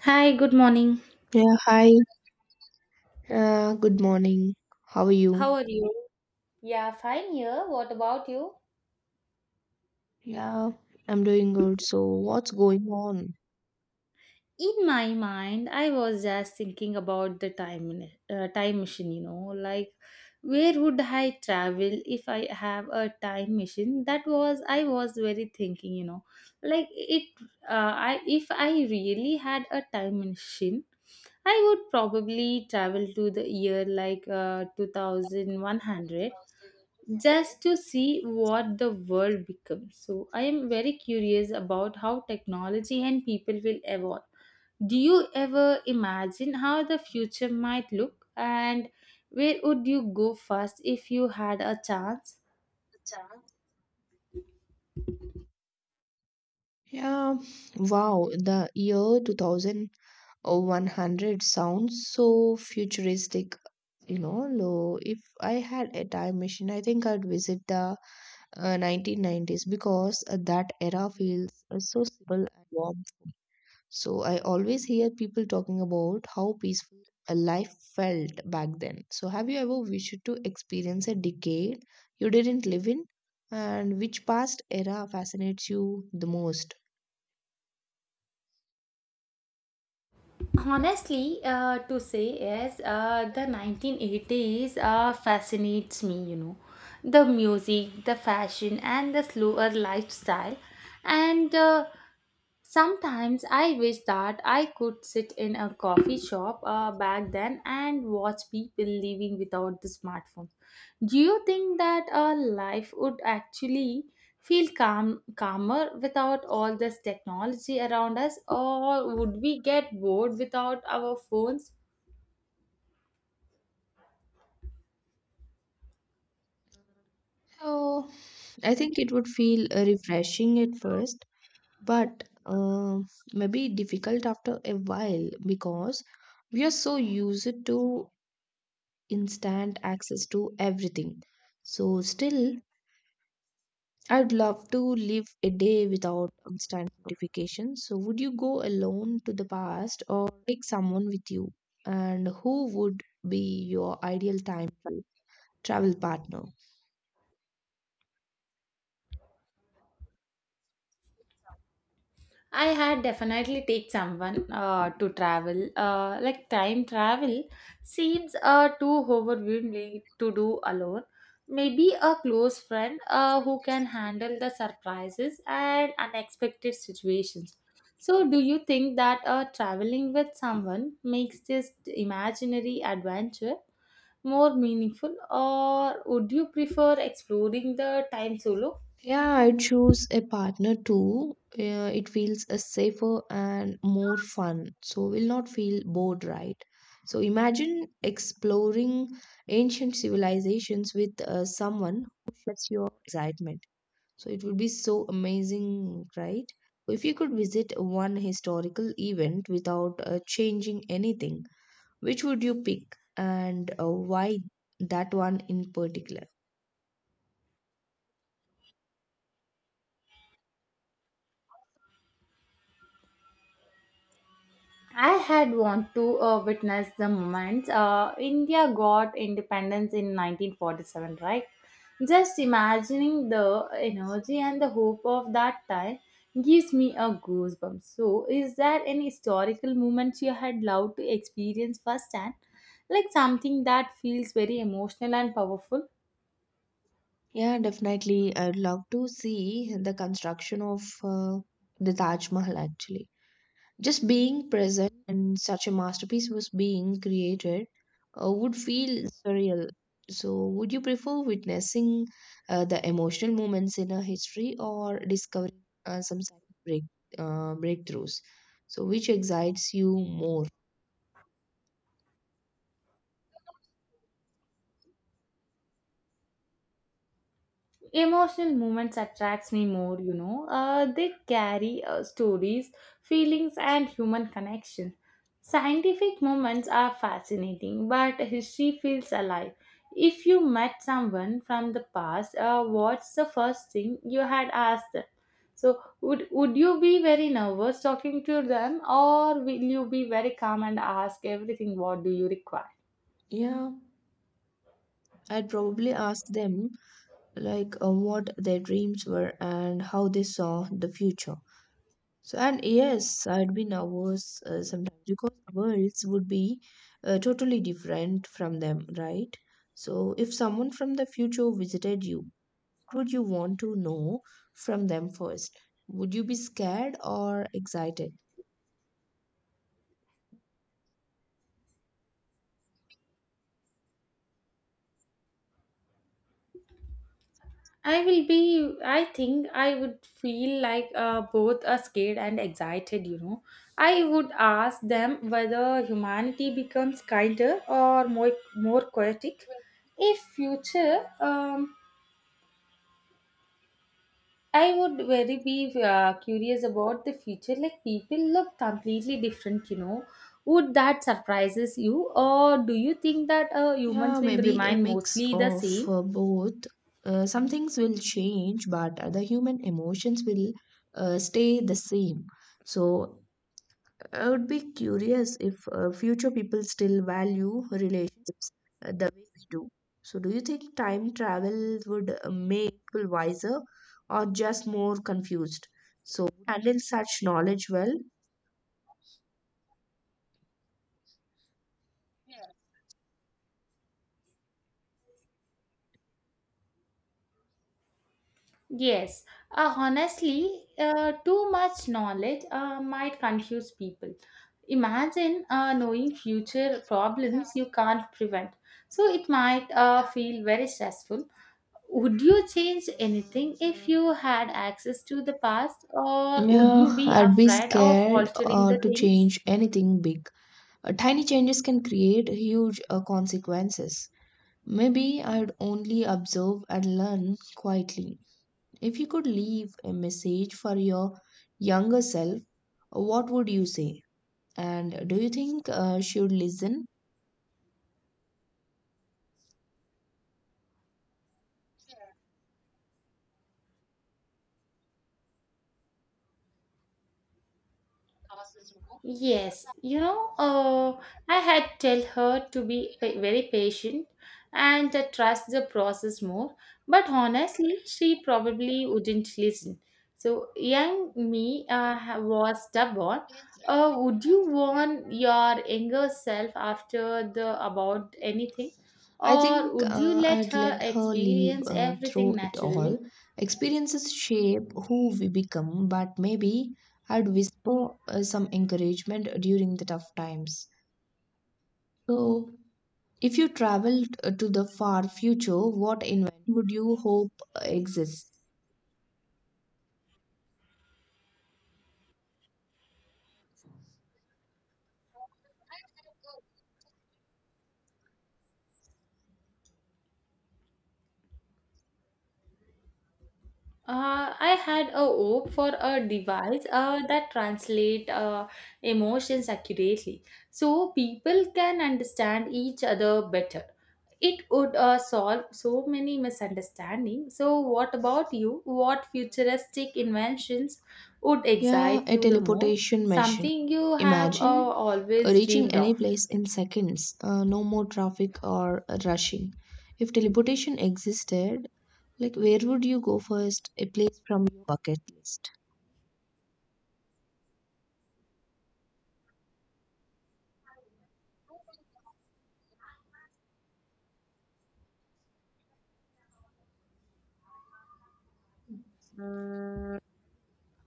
Hi, good morning. Yeah, hi. Good morning. How are How you? are you? Yeah, fine here. What about you? Yeah, I'm doing good. So, what's going on? In my mind, I was just thinking about the time machine, like where would I travel if I have a time machine? That was I was very thinking, like it I if I really had a time machine, I would probably travel to the year like 2100 just to see what the world becomes. So, I am very curious about how technology and people will evolve. Do you ever imagine how the future might look, and where would you go first if you had a chance? Yeah, wow, the year 2100 sounds so futuristic. If I had a time machine, I think I'd visit the 1990s because that era feels so simple and warm. So I always hear people talking about how peaceful a life felt back then. So have you ever wished to experience a decade you didn't live in? And which past era fascinates you the most? Honestly, to say yes, the 1980s fascinates me. The music, the fashion, and the slower lifestyle. And sometimes I wish that I could sit in a coffee shop back then and watch people living without the smartphone. Do you think that our life would actually feel calmer without all this technology around us, or would we get bored without our phones? So I think it would feel refreshing at first, but maybe difficult after a while because we are so used to instant access to everything. So still I'd love to live a day without constant notifications. So, would you go alone to the past or take someone with you? And who would be your ideal time to travel partner? I had definitely take someone to travel. Like time travel seems too overwhelming to do alone. Maybe a close friend who can handle the surprises and unexpected situations. So, do you think that traveling with someone makes this imaginary adventure more meaningful, or would you prefer exploring the time solo? Yeah, I'd choose a partner too. It feels safer and more fun. So, we'll not feel bored, right? So, imagine exploring ancient civilizations with someone who shares your excitement. So it would be so amazing, right? If you could visit one historical event without changing anything, which would you pick and why that one in particular? I had want to witness the moment India got independence in 1947, right? Just imagining the energy and the hope of that time gives me a goosebump. So, is there any historical moment you had loved to experience firsthand, like something that feels very emotional and powerful? Yeah, definitely. I'd love to see the construction of the Taj Mahal actually. Just being present and such a masterpiece was being created would feel surreal. So, would you prefer witnessing the emotional moments in a history or discovering some scientific breakthroughs? So, which excites you more? Emotional moments attracts me more, they carry stories, feelings, and human connection. Scientific moments are fascinating, but history feels alive. If you met someone from the past what's the first thing you had asked them? So, would you be very nervous talking to them, or will you be very calm and ask everything what do you require? Yeah, I'd probably ask them like what their dreams were and how they saw the future. So, and yes, I would be nervous sometimes because worlds would be totally different from them, right? So, if someone from the future visited you, what would you want to know from them first? Would you be scared or excited? I will be, I think I would feel like both are scared and excited, you know. I would ask them whether humanity becomes kinder or more chaotic. If future, I would very be curious about the future. Like people look completely different. Would that surprises you, or do you think that Yeah, humans will maybe a remain mix mostly the of same? Both. Some things will change, but other human emotions will stay the same. So, I would be curious if future people still value relationships the way we do. So, do you think time travel would make people wiser or just more confused? So, would you handle such knowledge well. Yes, honestly, too much knowledge might confuse people. Imagine knowing future problems you can't prevent. So it might feel very stressful. Would you change anything if you had access to the past, or would you Yeah, be I'd be afraid of scared altering the to things? change anything big. Tiny changes can create huge consequences. Maybe I'd only observe and learn quietly. If you could leave a message for your younger self, what would you say? And do you think she would listen? Yes, I had tell her to be very patient and trust the process more, but honestly, she probably wouldn't listen. So, young me was stubborn. Would you warn your younger self after the about anything, I or think would you let I'd her let her live experience through everything it all. naturally? Experiences shape who we become, but maybe I'd whisper some encouragement during the tough times. So, if you traveled to the far future, what invention would you hope exists? I had a hope for a device that translate emotions accurately, so people can understand each other better. It would solve so many misunderstandings. So, what about you? What futuristic inventions would Yeah, excite a you the most? teleportation machine. Something you have Imagine always reaching dreamed of? any place in seconds, no more traffic or rushing. If teleportation existed, like, where would you go first? A place from your bucket list.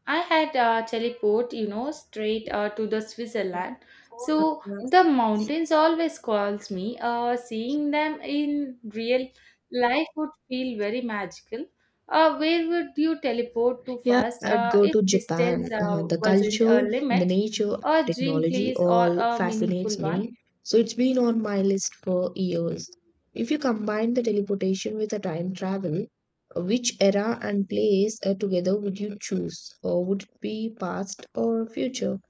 I had teleport, straight to the Switzerland. So the mountains always calls me. Seeing them in real life would feel very magical. Where would you teleport to Yeah, first? I'd Uh, go if to distance Japan. Uh, the wasn't culture, a the limit, nature, and a dream technology place or all a fascinates meaningful one? me. So it's been on my list for years. If you combine the teleportation with the time travel, which era and place together would you choose? Or would it be past or future?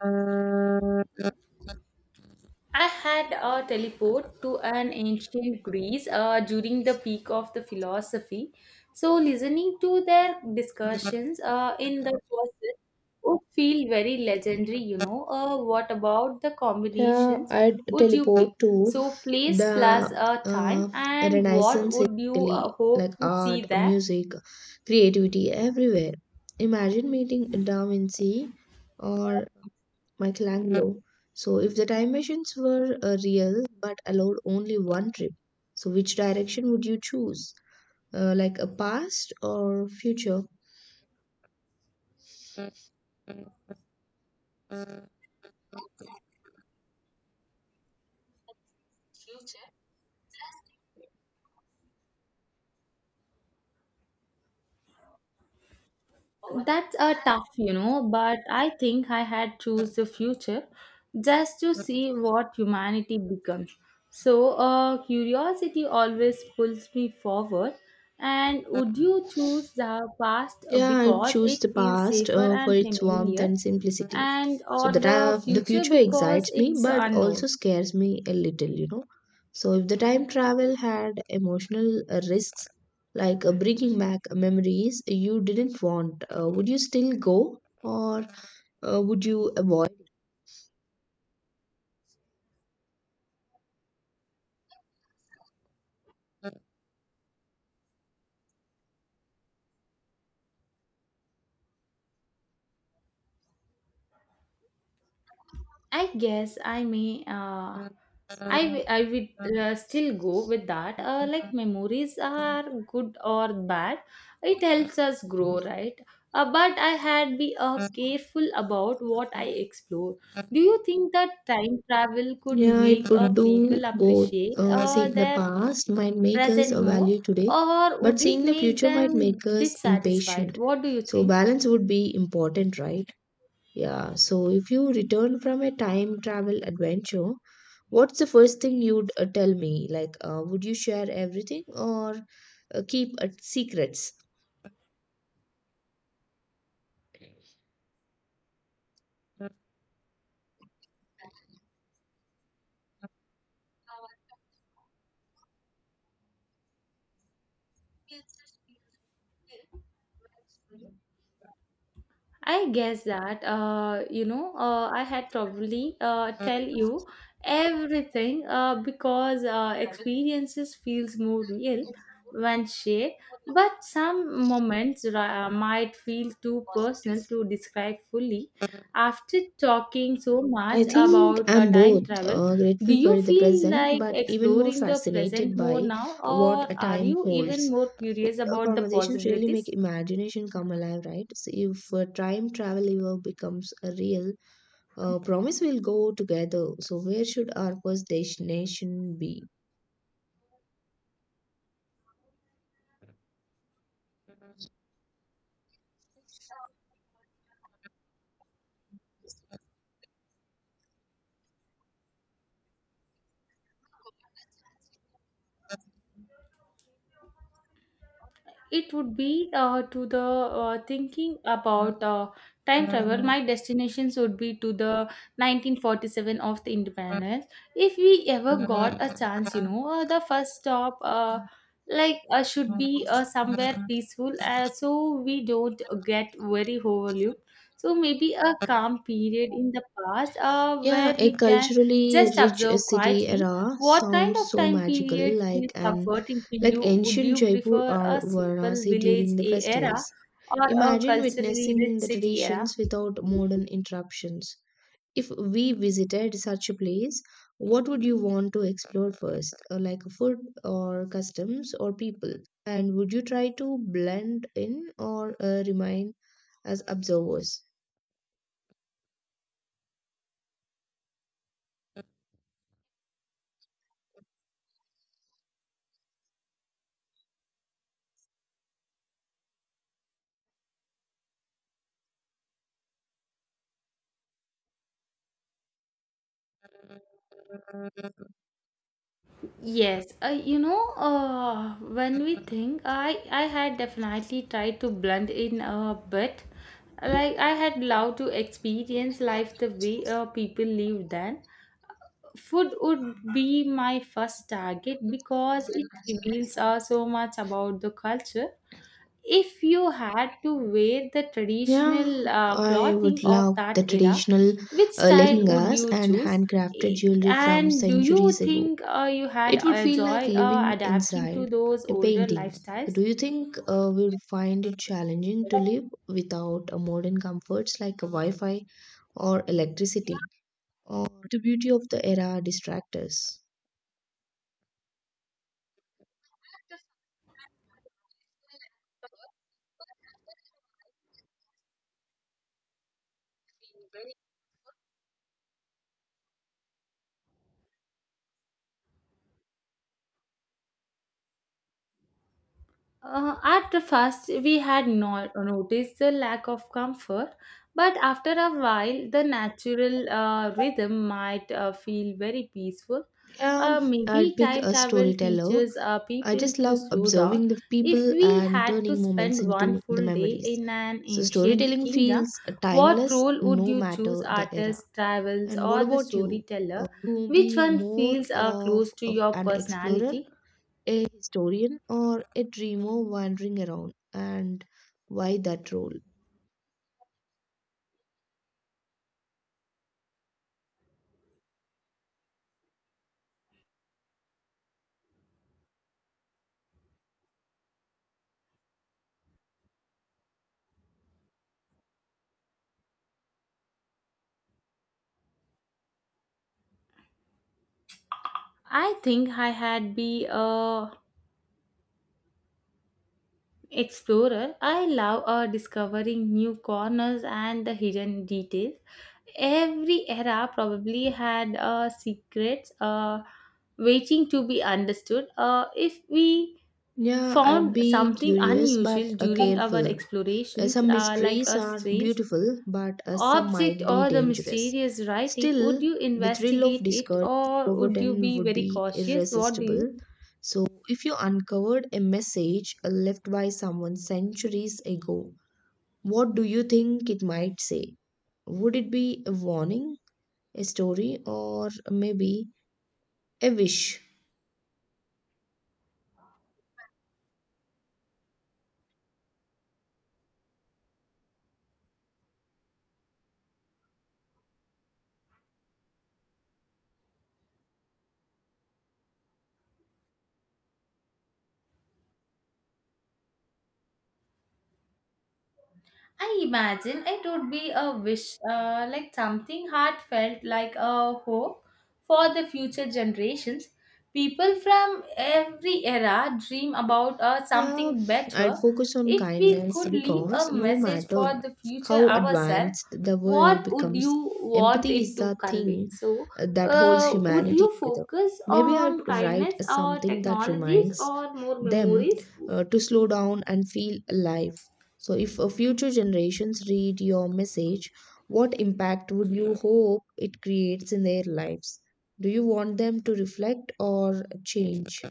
Uh, I had a teleport to an ancient Greece during the peak of the philosophy. So, listening to their discussions in the courses would feel very legendary. What about the Yeah, combinations I'd would you pick? teleport to So, place plus the time, uh, and what Renaissance in would you Italy, like hope to see art, there? music, creativity everywhere. Imagine meeting Da Vinci or Michelangelo. So, if the time machines were real but allowed only one trip, so which direction would you choose? Like a past or future? That's a tough, but I think I had choose the future just to see what humanity becomes. So, curiosity always pulls me forward. And would you choose the past Yeah, I because choose it the feels past safer for and its warmth familiar, and simplicity. and So or the uh, the the future future because excites me, it's but also unknown? scares me a little, you know. So if the time travel had emotional risks, like bringing back memories you didn't want, would you still go or would you avoid? I guess I may. I would still go with that. Like memories are good or bad, it helps us grow, right? But I had be careful about what I explore. Do you think that time travel could Yeah, it make could do people both. appreciate Uh, seeing the their past might make us present more, value today, or but would it seeing the make future might them make us dissatisfied? impatient. What do you So think? balance would be important, right? Yeah, so if you return from a time travel adventure, what's the first thing you'd tell me? Like, would you share everything or keep secrets? I guess that I had probably tell you everything because experiences feels more real when shared, but some moments might feel too personal to describe fully. After talking so I much think about I'm both time travel, do grateful you for the feel present, like but even more exploring the fascinated present more by now, what or a are time you holds. even more curious A about the conversations really make possibilities? imagination come alive, right? So if time travel ever becomes a real, promise we'll go together. So, where should our first destination be? It would be to the thinking about time travel. My destinations would be to the 1947 of the independence. If we ever got a chance, the first stop, like, should be somewhere peaceful, so we don't get very overlooked. So maybe a calm period in the past, Yeah, where a we can culturally just rich observe city quietly. era What kind sounds of so time magical, period feels comforting to like you? Would ancient you Jaipur prefer or a simple Varanasi village during the era festivals. or a Imagine culturally rich witnessing the city era? traditions without modern interruptions. If we visited such a place, what would you want to explore first? Like food or customs or people? And would you try to blend in or remain as observers. Yes, when we think, I had definitely tried to blend in a bit. Like I had loved to experience life the way people lived then. Food would be my first target because it reveals so much about the culture. If you had to wear the Yeah, traditional I clothing would of love the that era, traditional which style would lehengas you and choose? handcrafted I- jewelry from and do you centuries ago. think you had It would a feel like joy living adapting to inside those a older painting. Do lifestyles? you think we would find it challenging to live without modern comforts like Wi Fi or electricity? Or the beauty of the era distract us? At the first, we had not noticed the lack of comfort, but after a while, the natural rhythm might feel very peaceful. Uh, maybe I'd pick time a travel storyteller. teaches I people just to love slow down. observing the If people we and had to turning moments spend one into the full day memories. in an So ancient storytelling kingdom, feels what timeless role would no you matter choose: the era. artist, travels, And what or the about you? Storyteller? To Which be one more feels of, close to of your an explorer, personality? a historian, or a dreamer wandering around? And why that role? I think I had be a explorer. I love discovering new corners and the hidden details. Every era probably had secrets waiting to be understood. If we Yeah, I'd found be something curious but unusual during our careful. Uh, explorations, Some like mysteries a are strange beautiful, but some object might be or the dangerous. mysterious writing, would Still, you the thrill of investigate it, discovering something or would you forgotten be would very be cautious? What do irresistible. you? So, if you uncovered a message left by someone centuries ago, what do you think it might say? Would it be a warning, a story, or maybe a wish? I imagine it would be a wish, like something heartfelt, like a hope for the future generations. People from every era dream about Yeah, something I'd better. focus on If we kindness could leave because a no message for matter the future how ourselves, advanced the world what would becomes, you want empathy is it to the convey? thing So, that holds would humanity you together. focus Maybe I'd on write kindness or something that technologies reminds or more them memories? To slow down and feel alive. So, if future generations read your message, what impact would you hope it creates in their lives? Do you want them to reflect or change?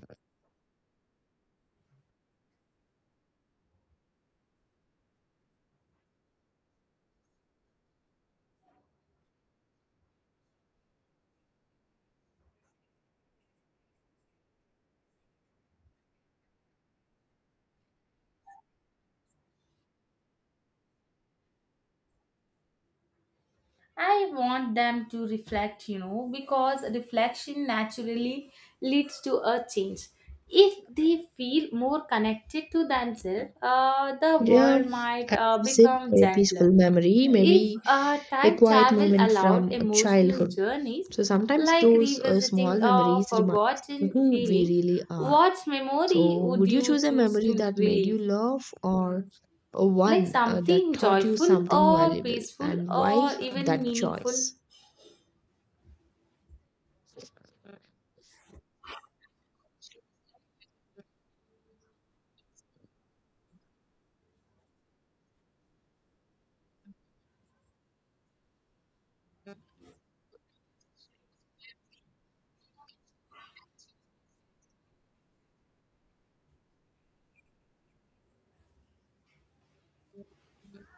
I want them to reflect, because reflection naturally leads to a change. If they feel more connected to themselves, the Yeah, world might I would visit become a gentler. peaceful memory, If maybe a time quiet travel moment allowed from emotional childhood. journeys, So sometimes like those revisiting small memories remind forgotten who we feelings, really are. what memory So would would you you choose a choose memory to that made you relive? laugh or uh, Like one uh, that something taught you joyful something or valuable peaceful and why or even that meaningful? choice?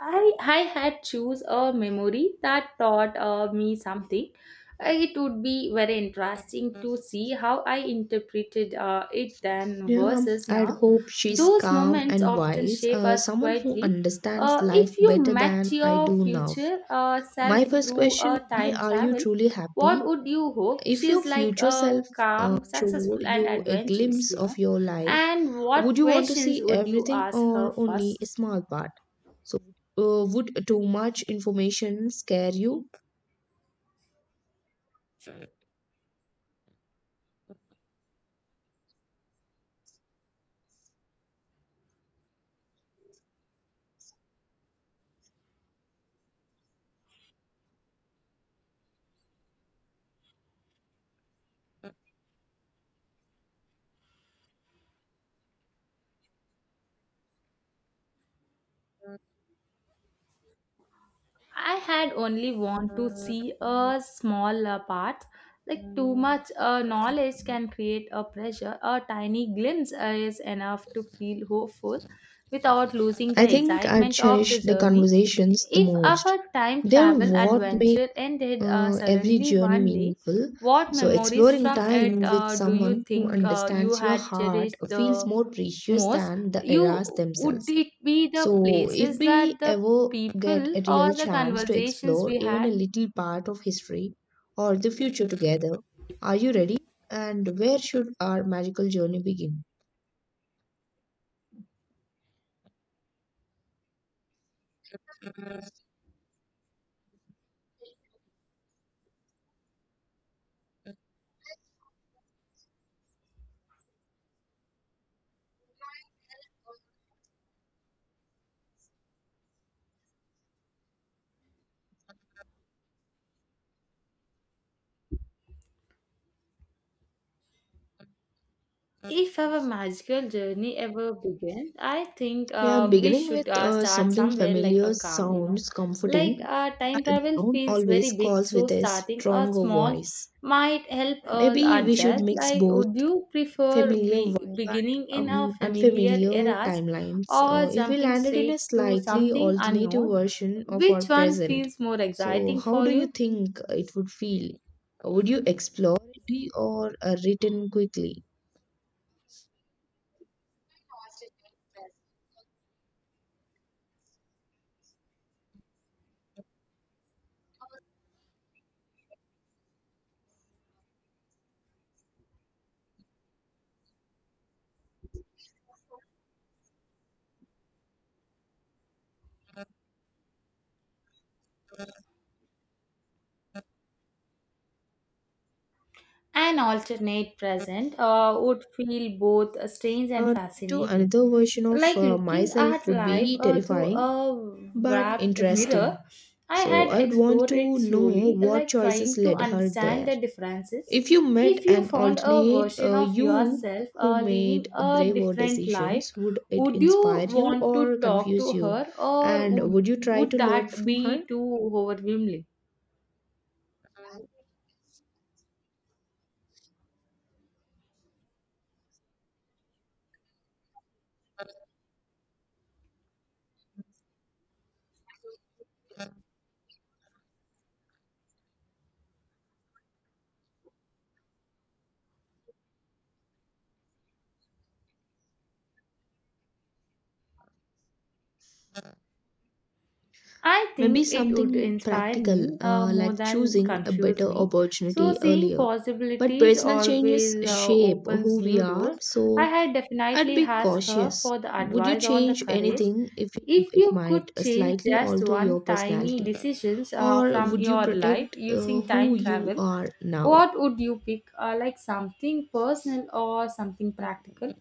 I had choose a memory that taught me something. It would be very interesting to see how I interpreted it then Yeah, versus I'd now. hope she's Those calm moments and often wise, shape us someone who quietly. understands Uh, life if you better met than I your do now. future My self first through question a would be, time are you travel, truly happy? what would you hope? If your She's like future a self calm, showed successful, and you a adventurous, glimpse you of know. your life, And what would you want to questions see would you everything ask her or only a first? small part? So, would too much information scare you? I had only want to see a small part. Like too much knowledge can create a pressure. A tiny glimpse is enough to feel hopeful without losing I the think I excitement of the cherish the journey. conversations the If most. our time They're travel what make adventure ended every suddenly journey one day, meaningful. what So, memories exploring from it time with do you someone who think you understands your had heart cherished feels the more precious most? than the eras You would themselves. it be the So, if places we that the ever get people, a or real the chance to conversations explore we even a had? little part of history or the future together, are you ready? And where should our magical journey begin? If our magical journey ever begins, I think Yeah, we beginning should with start something somewhere like a familiar calm. sounds Like comforting, but time the travel unknown feels always very big, calls so with a starting a stronger small voice. might help us Maybe we should adjust. mix Like, both would you prefer familiar vibe but beginning in a familiar unfamiliar eras, timelines. Or If we jumping landed in a straight to slightly something alternative unknown? version of Which our one present, feels more so exciting how for do you you? think it would feel? Would you explore it or written quickly? An alternate present would feel both strange and Talking to fascinating. another version of Like looking myself at would life be through terrifying a but wrapped mirror, interesting. I So had I would want explored it to slowly, know what like trying choices to led her understand there. the differences. If you met If you an found a alternate version of you yourself who living made a braver different life, decisions, would it would you inspire you want to or talk to confuse you? her, or And would would you try to would learn that be from her? too overwhelming? I Maybe think it would something inspire practical, me more like than choosing a confuse better me. So, opportunity seeing earlier. But possibilities personal changes always shape opens who we new are, doors. I so had I'd definitely be asked her cautious. for the Would you advice on the change courage. anything if you know If it you might could change slightly just alter one your tiny personality? decisions Or from would you your life protect using who time you travel, are now? what would you pick? Like something personal or something practical?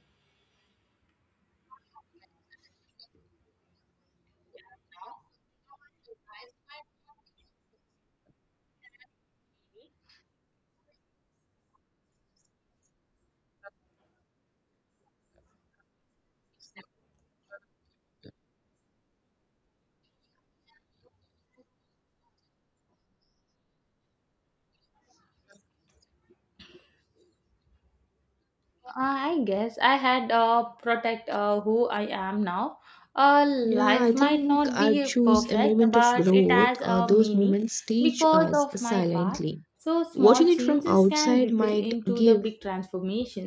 I guess I had protect who I am now. Uh, Yeah, I life might think not I'd be choose a perfect, moment of but it growth. has Uh, a those meaning moments teach because us of my path. silently. So small Watching it from changes can outside ripple might into the give big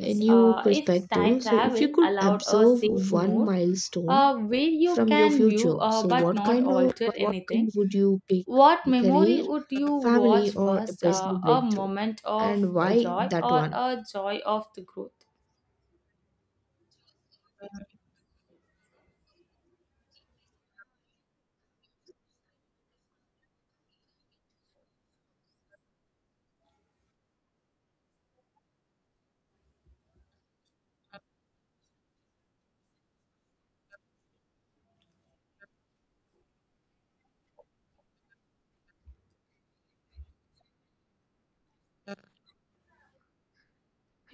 a new If time perspective. So, if you travel could allowed a observe safe one mode, milestone where you from your can future, view so but not alter what kind anything, would you pick? what A memory career, would you family, watch or a first? Uh, personal a breakthrough? moment of And why joy that or one? a joy of the growth?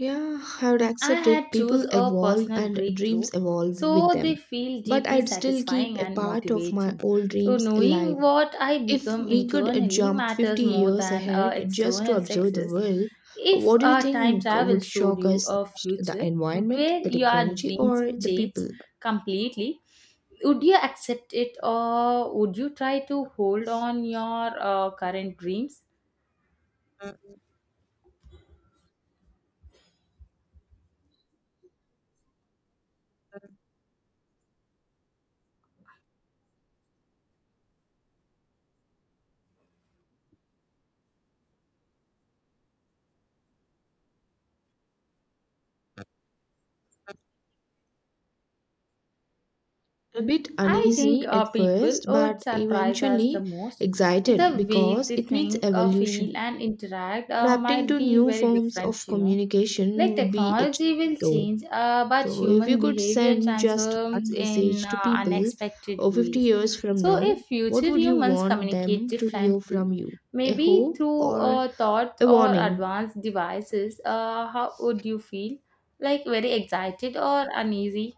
Yeah, I would I accept it. had People choose a evolve personal and dreams breakthrough, evolve with so them. they feel But deeply I'd still keep satisfying a and part of my motivating. old So dreams alive. knowing what I If become we could internally jump matters 50 more years than ahead just to external observe the success. world, If what do you time think travel would showed shock you us the a most? The future environment, where the your technology, dreams or the change people? completely, would you accept it, or would you try to hold on your current dreams? A bit I think uneasy at people first, would but surprise us the eventually most. excited The way because they it means think, feel, evolution. and interact Adapting might to be new very forms of different. communication Like would be a technology challenge will though. change, but So, if you human could behavior send just transforms one in message to people unexpected or 50 ways. years from So, now, if what future would you humans want communicate them to hear differently, from you? A maybe hope through or thoughts a or warning? advanced devices, how would you feel? Like very excited or uneasy?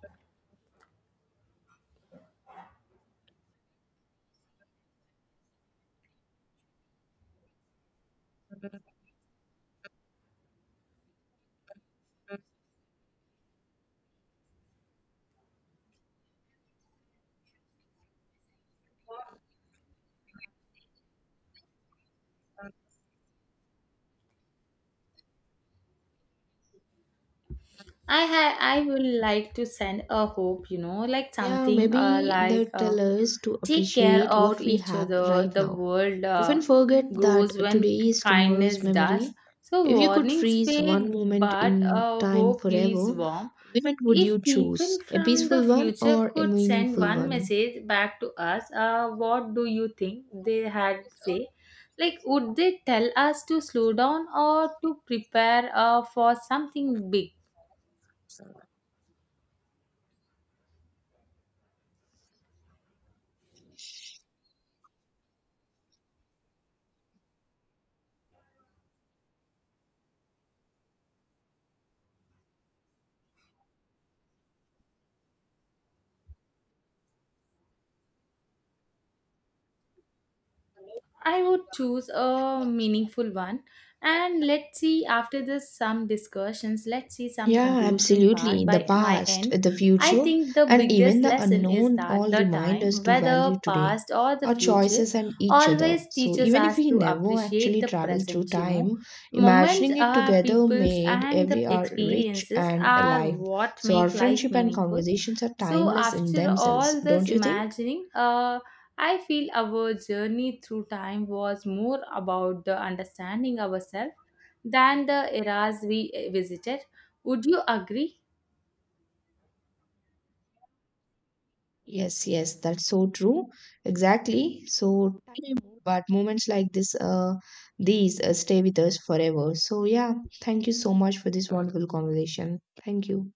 I would like to send a hope, like Yeah, something maybe they like tell us to take care appreciate of what we each have other. right The now. world Often forget that grows when today is tomorrow's kindness does. memory. So If you could warnings freeze fade, one moment but in time hope lives forever, warm. which moment would If you choose? people A from the peaceful one future or a could send meaningful one one? message back to us, what do you think they had say? Like, would they tell us to slow down or to prepare for something big? I would choose a meaningful one. And let's see, after this, some discussions, let's see some Yeah, conclusion part absolutely. The by my past, end. the I future, think the and even biggest the lesson is unknown that all the remind time, us to whether value today, past or the our future, choices, and each other. always So, teaches even if us we to never appreciate actually the traveled through present. time, Moments, imagining it are together peoples, made and the every hour rich experiences and are alive. what So, our make life friendship and meaningful. conversations are So, timeless in after themselves, all this don't you think? imagining, I feel our journey through time was more about the understanding ourselves than the eras we visited. Would you agree? Yes, yes, that's so true. Exactly. So, but moments like this, these stay with us forever. So, yeah, thank you so much for this wonderful conversation. Thank you.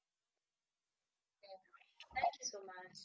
Thank you so much.